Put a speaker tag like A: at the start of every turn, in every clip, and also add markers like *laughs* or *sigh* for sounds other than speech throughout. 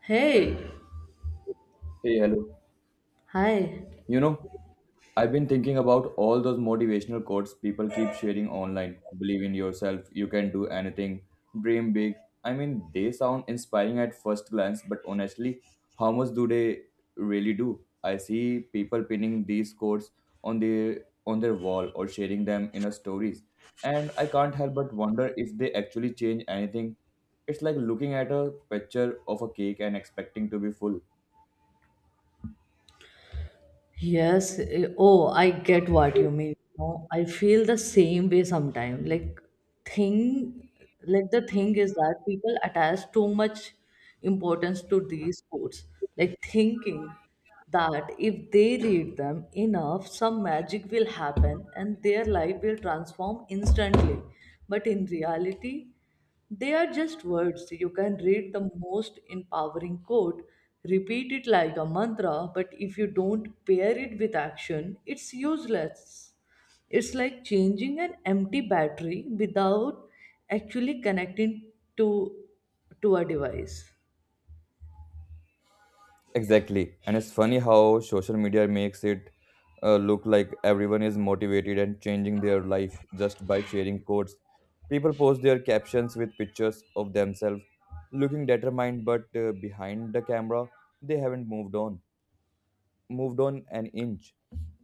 A: Hey,
B: Hey, hello.
A: hi.
B: You know, I've been thinking about all those motivational quotes people keep sharing online. Believe in yourself, you can do anything, dream big. I mean, they sound inspiring at first glance, but honestly, how much do they really do? I see people pinning these quotes on their on their wall or sharing them in a stories, and I can't help but wonder if they actually change anything. It's like looking at a picture of a cake and expecting to be full.
A: Yes. Oh, I get what you mean. No, I feel the same way sometimes. Thing, like the thing is that people attach too much importance to these sports. Like thinking that if they read them enough, some magic will happen and their life will transform instantly. But in reality, they are just words. You can read the most empowering quote, repeat it like a mantra, but if you don't pair it with action, it's useless. It's like changing an empty battery without actually connecting to to a device.
B: Exactly. And it's funny how social media makes it look like everyone is motivated and changing their life just by sharing quotes. People post their captions with pictures of themselves looking determined, but behind the camera, they haven't moved on an inch.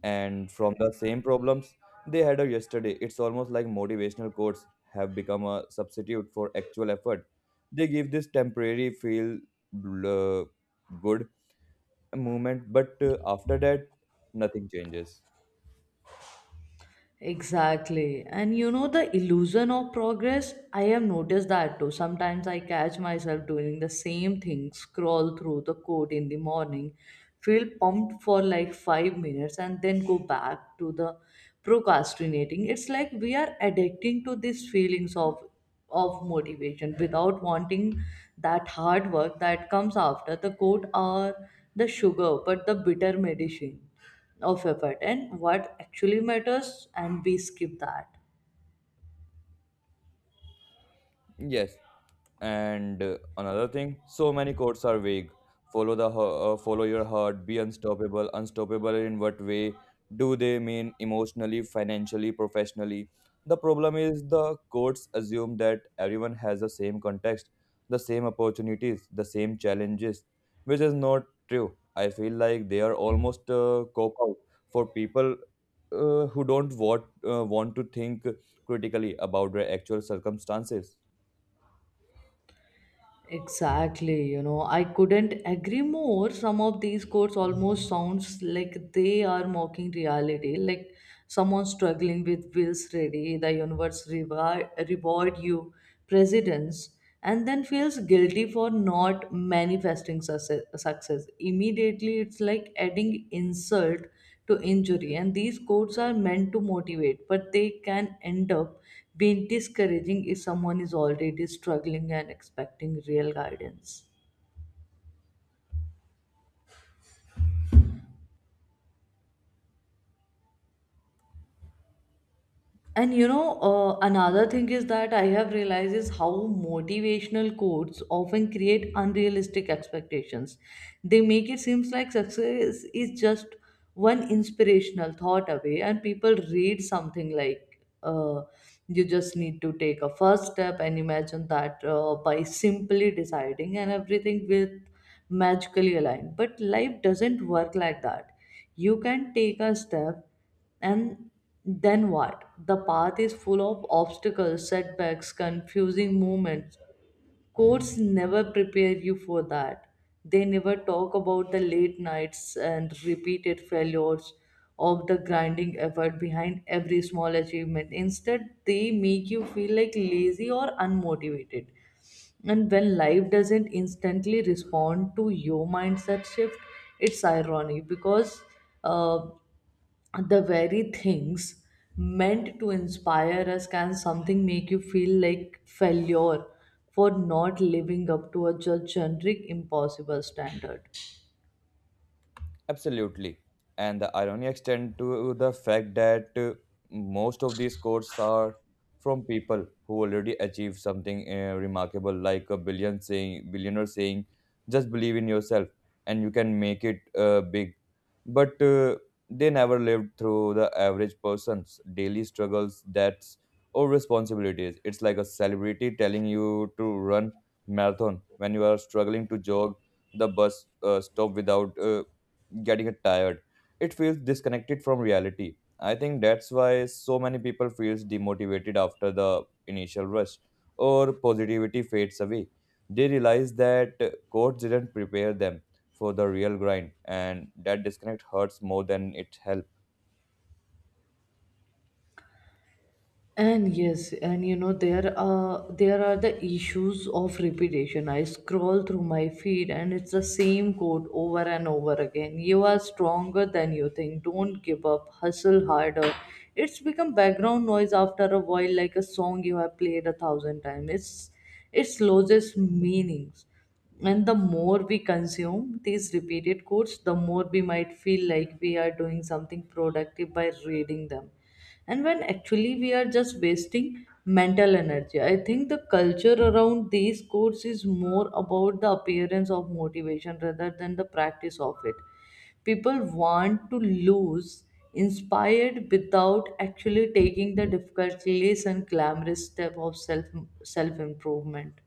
B: And from the same problems they had yesterday, it's almost like motivational quotes have become a substitute for actual effort. They give this temporary feel uh, good movement but after that nothing changes.
A: Exactly. And you know, the illusion of progress, I have noticed that too. Sometimes I catch myself doing the same thing, scroll through the code in the morning, feel pumped for like 5 minutes, and then go back to the procrastinating. It's like we are addicting to these feelings of motivation without wanting that hard work that comes after the code or the sugar, but the bitter medicine of effort and what actually matters and we skip that.
B: Yes. And another thing, so many quotes are vague. Follow your heart, be unstoppable. Unstoppable in what way? Do they mean emotionally, financially, professionally? The problem is the quotes assume that everyone has the same context, the same opportunities, the same challenges, which is not true. I feel like they are almost a cop out for people who don't want to think critically about their actual circumstances.
A: Exactly, you know, I couldn't agree more. Some of these quotes almost sounds like they are mocking reality, like someone struggling with bills ready the universe reward you presidents and then feels guilty for not manifesting success immediately. It's like adding insult to injury. And these quotes are meant to motivate, but they can end up being discouraging if someone is already struggling and expecting real guidance. And you know, another thing is that I have realized is how motivational quotes often create unrealistic expectations. They make it seems like success is just one inspirational thought away, and people read something like, "You just need to take a first step," and imagine that by simply deciding, and everything will magically align. But life doesn't work like that. You can take a step and then what? The path is full of obstacles, setbacks, confusing moments. Courts never prepare you for that. They never talk about the late nights and repeated failures of the grinding effort behind every small achievement. Instead, they make you feel like lazy or unmotivated. And when life doesn't instantly respond to your mindset shift, it's ironic because uh, the very things meant to inspire us can something make you feel like failure for not living up to a just generic impossible standard.
B: Absolutely. And the irony extends to the fact that most of these quotes are from people who already achieved something remarkable, like billionaire saying, just believe in yourself and you can make it big. But they never lived through the average person's daily struggles, debts, or responsibilities. It's like a celebrity telling you to run marathon when you are struggling to jog the bus stop without getting tired. It feels disconnected from reality. I think that's why so many people feels demotivated after the initial rush or positivity fades away. They realize that coach didn't prepare them for the real grind and that disconnect hurts more than it helps.
A: And yes, and you know there are the issues of repetition. I scroll through my feed and it's the same code over and over again. You are stronger than you think. Don't give up. Hustle harder. It's become background noise after a while, like a song you have played a thousand times. It's it loses meanings. And the more we consume these repeated quotes, the more we might feel like we are doing something productive by reading them, and when actually we are just wasting mental energy. I think the culture around these courses is more about the appearance of motivation rather than the practice of it. People want to lose inspired without actually taking the difficult less and glamorous step of self improvement.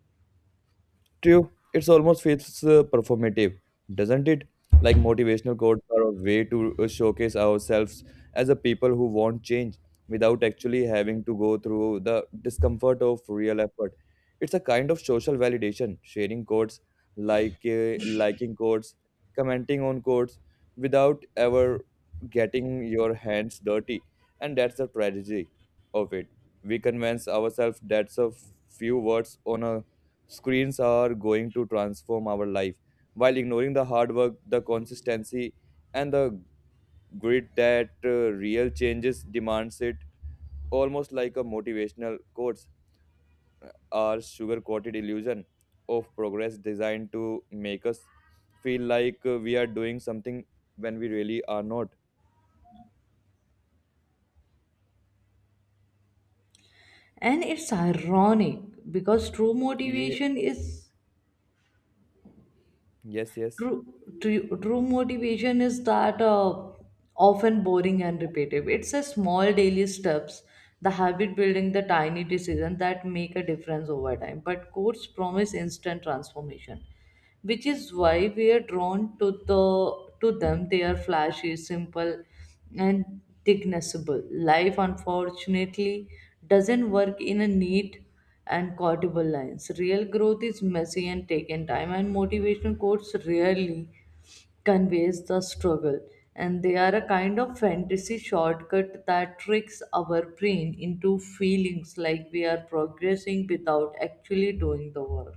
B: True, it's almost feels performative, doesn't it? Like motivational quotes are a way to showcase ourselves as a people who want change without actually having to go through the discomfort of real effort. It's a kind of social validation, sharing quotes, like liking quotes, commenting on quotes without ever getting your hands dirty. And that's the tragedy of it. We convince ourselves that a few words on a screens are going to transform our life while ignoring the hard work, the consistency, and the grit that real changes demands it. Almost like a motivational quotes are sugar coated illusion of progress designed to make us feel like we are doing something when we really are not.
A: And it's ironic because true
B: Ye-
A: motivation is
B: yes, yes.
A: true, true motivation is that often boring and repetitive. It's a small daily steps, the habit building, the tiny decisions that make a difference over time. But courts promise instant transformation, which is why we are drawn to them. They are flashy, simple, and dignifiable. Life, unfortunately, doesn't work in a neat and quotable lines. Real growth is messy and taken time, and motivational quotes rarely conveys the struggle. And they are a kind of fantasy shortcut that tricks our brain into feelings like we are progressing without actually doing the work.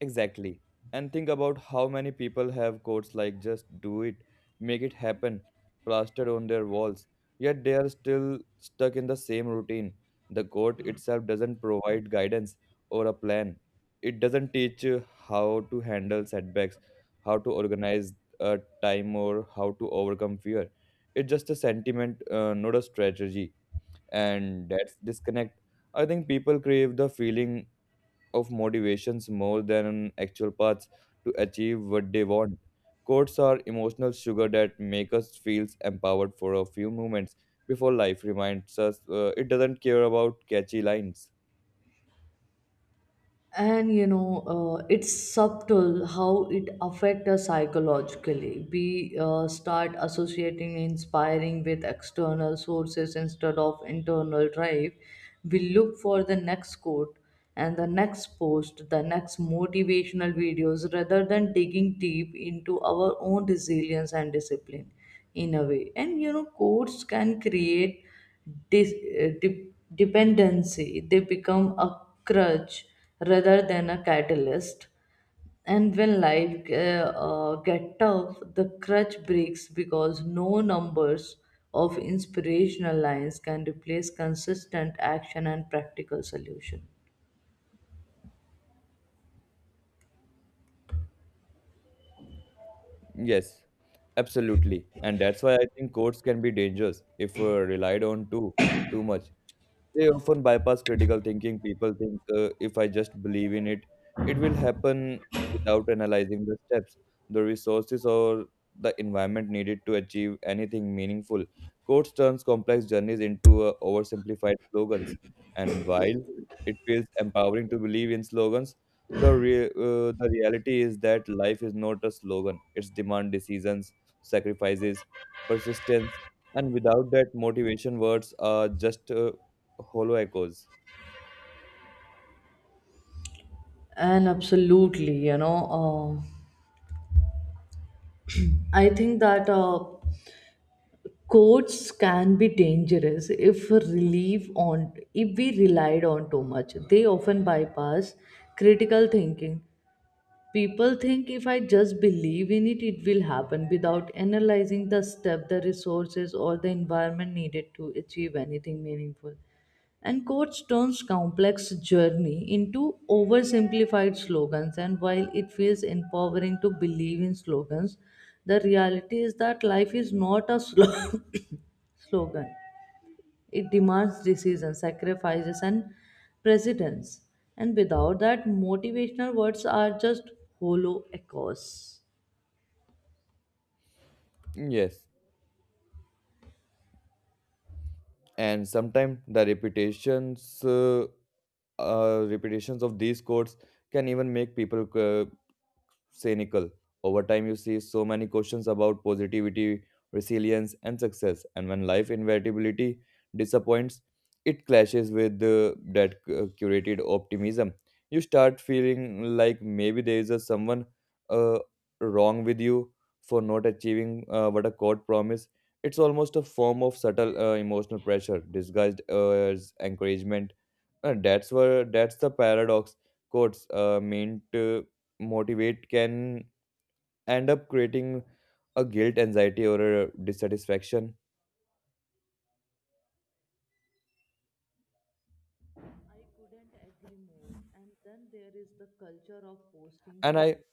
B: Exactly. And think about how many people have quotes like just do it, make it happen, plastered on their walls, yet they are still stuck in the same routine. The quote itself doesn't provide guidance or a plan. It doesn't teach you how to handle setbacks, how to organize a time, or how to overcome fear. It's just a sentiment, not a strategy. And that's disconnect. I think people crave the feeling of motivations more than actual paths to achieve what they want. Quotes are emotional sugar that make us feel empowered for a few moments before life reminds us it doesn't care about catchy lines.
A: And you know, it's subtle how it affects us psychologically. We start associating inspiring with external sources instead of internal drive. We look for the next quote and the next post, the next motivational videos, rather than digging deep into our own resilience and discipline. In a way, and you know, quotes can create dis- dependency. They become a crutch rather than a catalyst. And when life get tough, the crutch breaks because no numbers of inspirational lines can replace consistent action and practical solution.
B: Yes, absolutely. And that's why I think quotes can be dangerous if relied on too much. They often bypass critical thinking. People think if I just believe in it, it will happen without analyzing the steps, the resources, or the environment needed to achieve anything meaningful. Coach turns complex journeys into oversimplified slogans. And while it feels empowering to believe in slogans, the reality is that life is not a slogan. It's demand decisions, sacrifices, persistence, and without that motivation words are just hollow echoes.
A: And absolutely, you know, I think that codes can be dangerous if relief on if we relied on too much. They often bypass critical thinking. People think if I just believe in it, it will happen without analyzing the step, the resources, or the environment needed to achieve anything meaningful. And quotes turns complex journey into oversimplified slogans. And while it feels empowering to believe in slogans, the reality is that life is not a *laughs* slow. *coughs* slogan. It demands decision, sacrifices, and precedence. And without that, motivational words are just hollow echoes.
B: Yes, and sometimes the repetitions of these chords can even make people cynical. Over time, you see so many questions about positivity, resilience, and success. And when life inevitability disappoints, it clashes with that curated optimism. You start feeling like maybe there is a someone uh, wrong with you for not achieving what a court promised. It's almost a form of subtle emotional pressure disguised as encouragement. And that's the paradox. Quotes meant motivate can end up creating a guilt, anxiety, or a dissatisfaction.
A: I couldn't agree more. And then there is the culture of posting
B: And I.
A: quotes.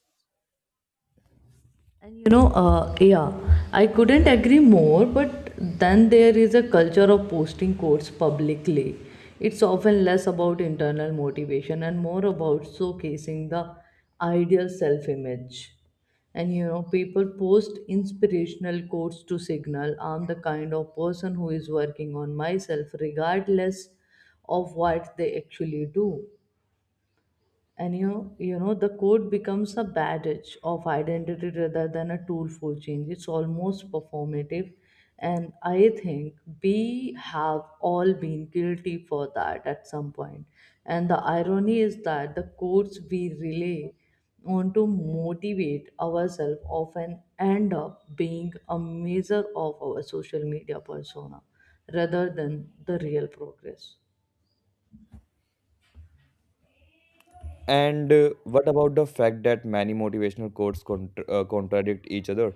A: And you know, yeah, I couldn't agree more, but then there is a culture of posting quotes publicly. It's often less about internal motivation and more about showcasing the ideal self image. And you know, people post inspirational quotes to signal I'm the kind of person who is working on myself regardless of what they actually do. And you know, the code becomes a badge of identity rather than a tool for change. It's almost performative. And I think we have all been guilty for that at some point. And the irony is that the codes we relay on to motivate ourselves often end up being a measure of our social media persona rather than the real progress.
B: And what about the fact that many motivational quotes contradict each other?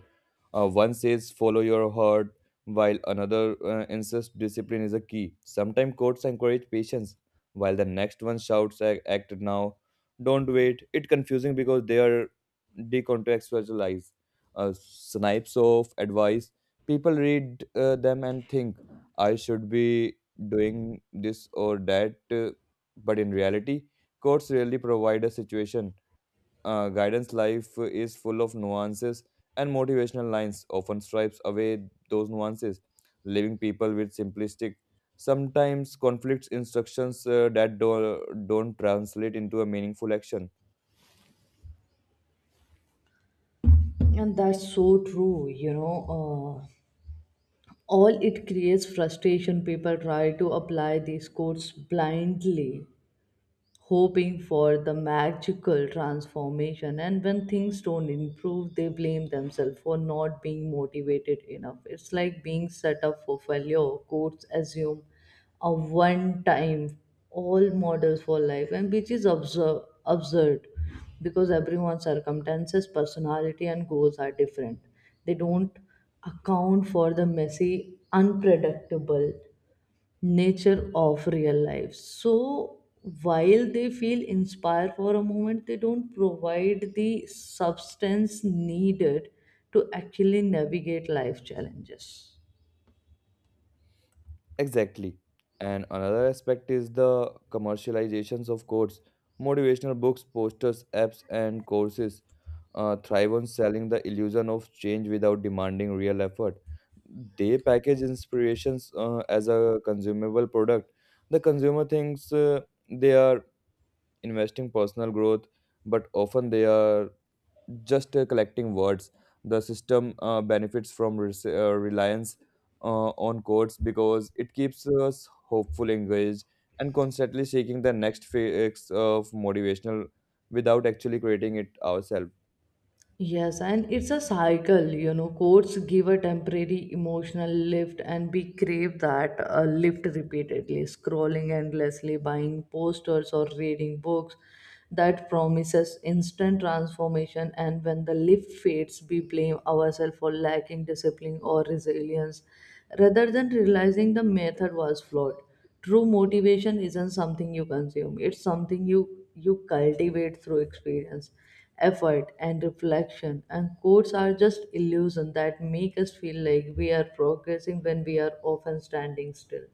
B: One says follow your heart, while another insists discipline is a key. Sometimes quotes encourage patience, while the next one shouts Act now, don't wait." It's confusing because they are decontextualized. Snipes of advice. People read them and think I should be doing this or that, but in reality courts really provide a situation. Guidance life is full of nuances, and motivational lines often stripes away those nuances, leaving people with simplistic, sometimes conflicts instructions don't translate into a meaningful action.
A: And that's so true, you know. All it creates frustration. People try to apply these codes blindly hoping for the magical transformation. And when things don't improve, they blame themselves for not being motivated enough. It's like being set up for failure. Courts assume a one time all models for life, and which is absurd because everyone's circumstances, personality, and goals are different. They don't account for the messy, unpredictable nature of real life, so while they feel inspired for a moment they don't provide the substance needed to actually navigate life challenges.
B: Exactly. And another aspect is the commercializations of courses. Motivational books, posters, apps, and courses thrive on selling the illusion of change without demanding real effort. They package inspirations as a consumable product. The consumer thinks they are investing personal growth, but often they are just collecting words. The system benefits from reliance on quotes because it keeps us hopeful, engaged, and constantly seeking the next phase of motivational without actually creating it ourselves.
A: Yes, and it's a cycle, you know. Courts give a temporary emotional lift, and we crave that lift repeatedly, scrolling endlessly, buying posters, or reading books that promises instant transformation. And when the lift fades, we blame ourselves for lacking discipline or resilience rather than realizing the method was flawed. True motivation isn't something you consume, it's something you cultivate through experience, effort, and reflection. And quotes are just illusions that make us feel like we are progressing when we are often standing still.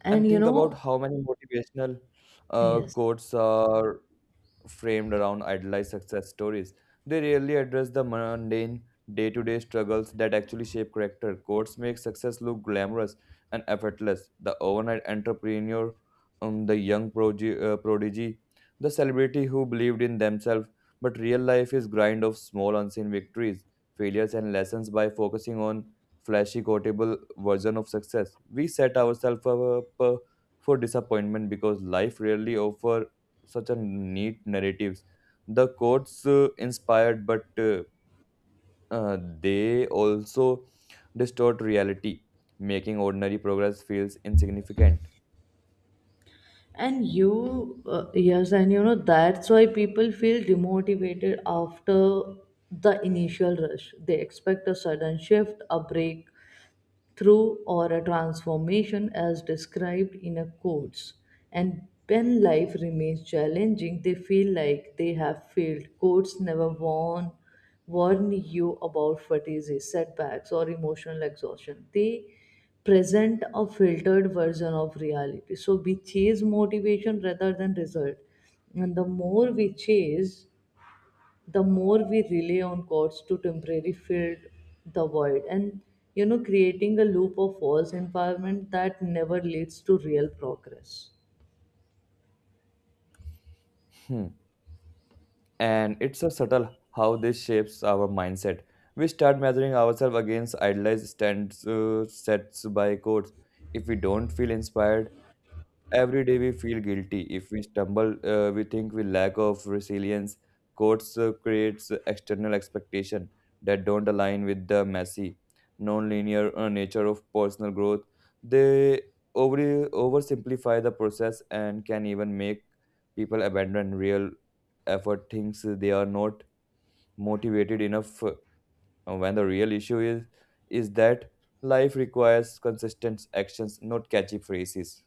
A: And
B: And
A: you
B: think about
A: know,
B: how many motivational
A: yes.
B: quotes are framed around idealized success stories. They rarely address the mundane day to day struggles that actually shape character. Quotes make success look glamorous and effortless. The overnight entrepreneur, the young progi- prodigy, the celebrity who believed in themselves. But real life is grind of small unseen victories, failures, and lessons by focusing on flashy, quotable version of success. We set ourselves up for disappointment because life rarely offers such a neat narratives. The quotes inspired, but they also distort reality, making ordinary progress feels insignificant.
A: And you, yes, and you know, that's why people feel demotivated after the initial rush. They expect a sudden shift, a break, through or a transformation as described in a course. And when life remains challenging, they feel like they have failed. Courts never warn you about fatigue, setbacks, or emotional exhaustion. They present a filtered version of reality. So we chase motivation rather than result. And the more we chase, the more we rely on courts to temporarily fill the void, and you know, creating a loop of false environment that never leads to real progress.
B: Hmm. And it's a subtle how this shapes our mindset. We start measuring ourselves against idealized stands sets by quotes. If we don't feel inspired, every day we feel guilty. If we stumble, we think we lack of resilience. Courts creates external expectation that don't align with the messy, non-linear nature of personal growth. They over oversimplify the process and can even make people abandon real effort, things they are not motivated enough when the real issue is that life requires consistent actions not catchy phrases.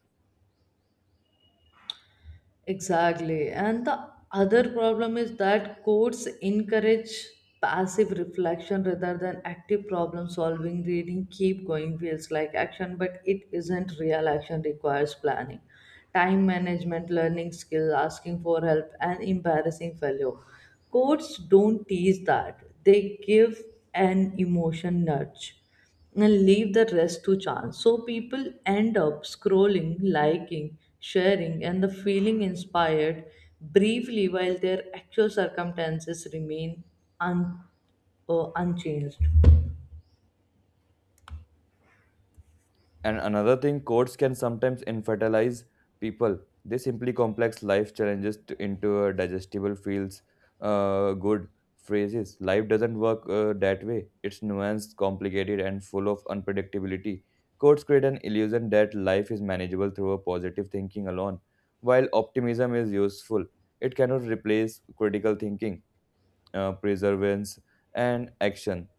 A: Exactly. And the other problem is that courts encourage passive reflection rather than active problem solving. Reading keep going feels like action, but it isn't. Real action requires planning, time management, learning skills, asking for help, and embarrassing failure. Courts don't teach that. They give an emotion nudge and leave the rest to chance. So people end up scrolling, liking, sharing, and the feeling inspired briefly while their actual circumstances remain un- unchanged.
B: And another thing, courts can sometimes infantilize people. They simply complex life into digestible feels good phrases. Life doesn't work that way. It's nuanced, complicated, and full of unpredictability. Courts create an illusion that life is manageable through a positive thinking alone. While optimism is useful, it cannot replace critical thinking, perseverance, and action.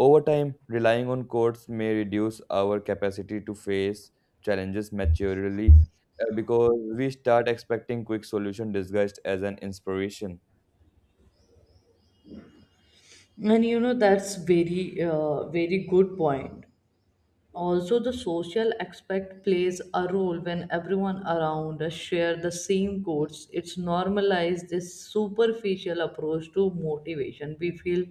B: Over time, relying on courts may reduce our capacity to face challenges maturely because we start expecting quick solution disguised as an inspiration.
A: And you know, that's very, very good point. Also, the social aspect plays a role when everyone around us share the same quotes. It's normalized this superficial approach to motivation. We feel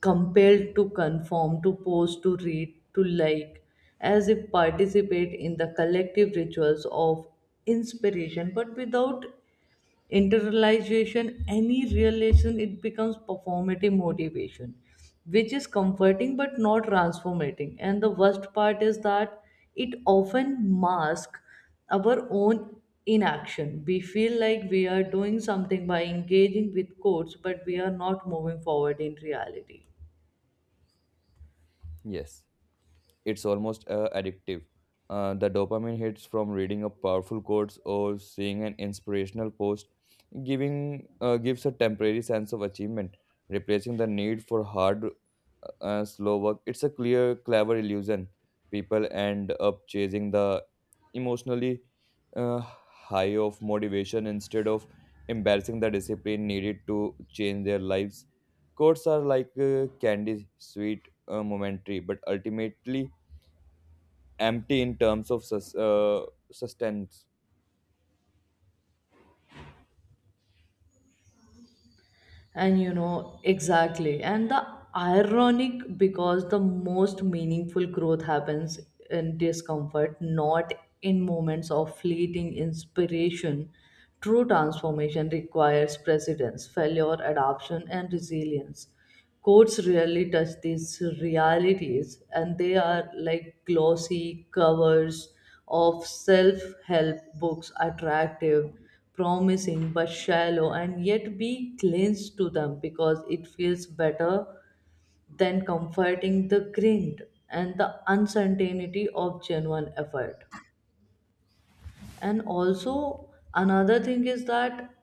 A: compelled to conform, to pose, to read, to like, as if participate in the collective rituals of inspiration, but without internalization any realization, it becomes performative motivation, which is comforting but not transformating. And the worst part is that it often masks our own inaction. We feel like we are doing something by engaging with quotes but we are not moving forward in reality.
B: Yes, it's almost addictive. The dopamine hits from reading a powerful quote or seeing an inspirational post giving gives a temporary sense of achievement, replacing the need for hard, slow work. It's a clear, clever illusion. People end up chasing the emotionally uh, high of motivation instead of embarrassing the discipline needed to change their lives. Quotes are like candy, sweet, momentary, but ultimately empty in terms of sustenance.
A: And you know, exactly. And the ironic because the most meaningful growth happens in discomfort, not in moments of fleeting inspiration. True transformation requires precedence, failure, adoption, and resilience. Courts rarely touch these realities, and they are like glossy covers of self help books, attractive, promising, but shallow, and yet we cling to them because it feels better than comforting the grind and the uncertainty of genuine effort. And also, another thing is that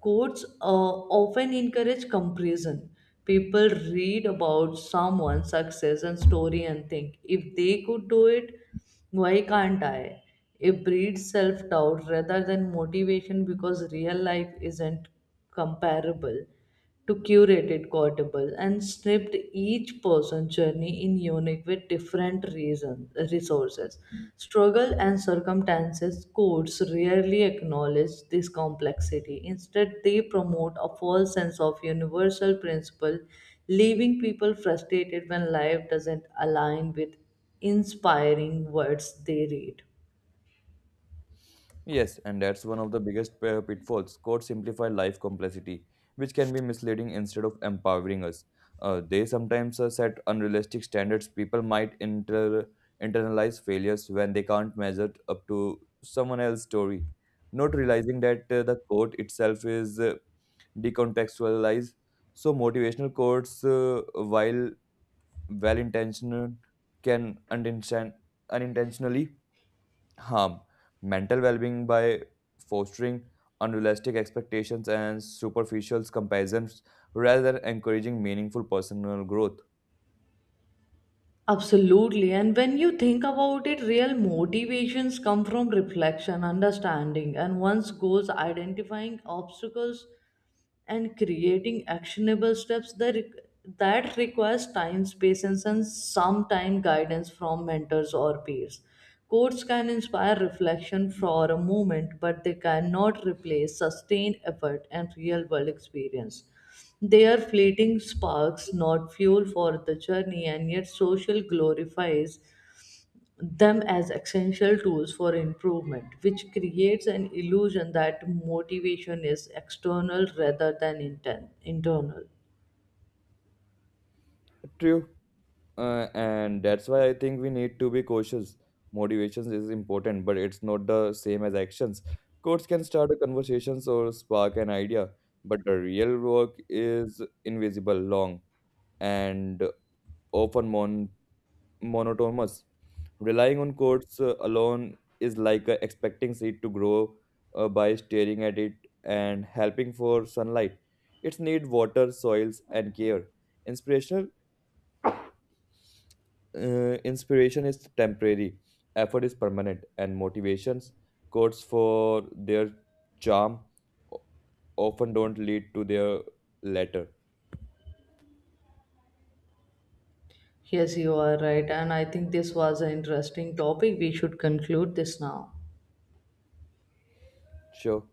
A: courts often encourage comparison. People read about someone's success and story and think, if they could do it, why can't I? It breeds self doubt rather than motivation because real life isn't comparable to curated quotable and snipped. Each person's journey in unique with different reasons, resources, struggle and circumstances. Codes rarely acknowledge this complexity. Instead, they promote a false sense of universal principle, leaving people frustrated when life doesn't align with inspiring words they read.
B: Yes, and that's one of the biggest pitfalls. Codes simplify life complexity, which can be misleading instead of empowering us. They sometimes set unrealistic standards. People might internalize failures when they can't measure up to someone else's story, not realizing that the code itself is decontextualized. So, motivational quotes, while well intentioned, can unintentionally harm mental well-being by fostering unrealistic expectations and superficial comparisons rather than encouraging meaningful personal growth.
A: Absolutely. And when you think about it, real motivations come from reflection, understanding, and one's goals, identifying obstacles, and creating actionable steps that requires time, patience, and sometime guidance from mentors or peers. Quotes can inspire reflection for a moment, but they cannot replace sustained effort and real world experience. They are fleeting sparks, not fuel for the journey, and yet social glorifies them as essential tools for improvement, which creates an illusion that motivation is external rather than internal.
B: True. And that's why I think we need to be cautious. Motivations is important but it's not the same as actions. Quotes can start a conversations or spark an idea, but the real work is invisible long and often monotonous. Relying on codes alone is like expecting seed to grow by staring at it and helping for sunlight. It needs water, soils, and care. Inspirational Inspiration is temporary, effort is permanent, and motivations codes for their charm o- often don't lead to their letter.
A: Yes, you are right, and I think this was an interesting topic. We should conclude this now.
B: Sure.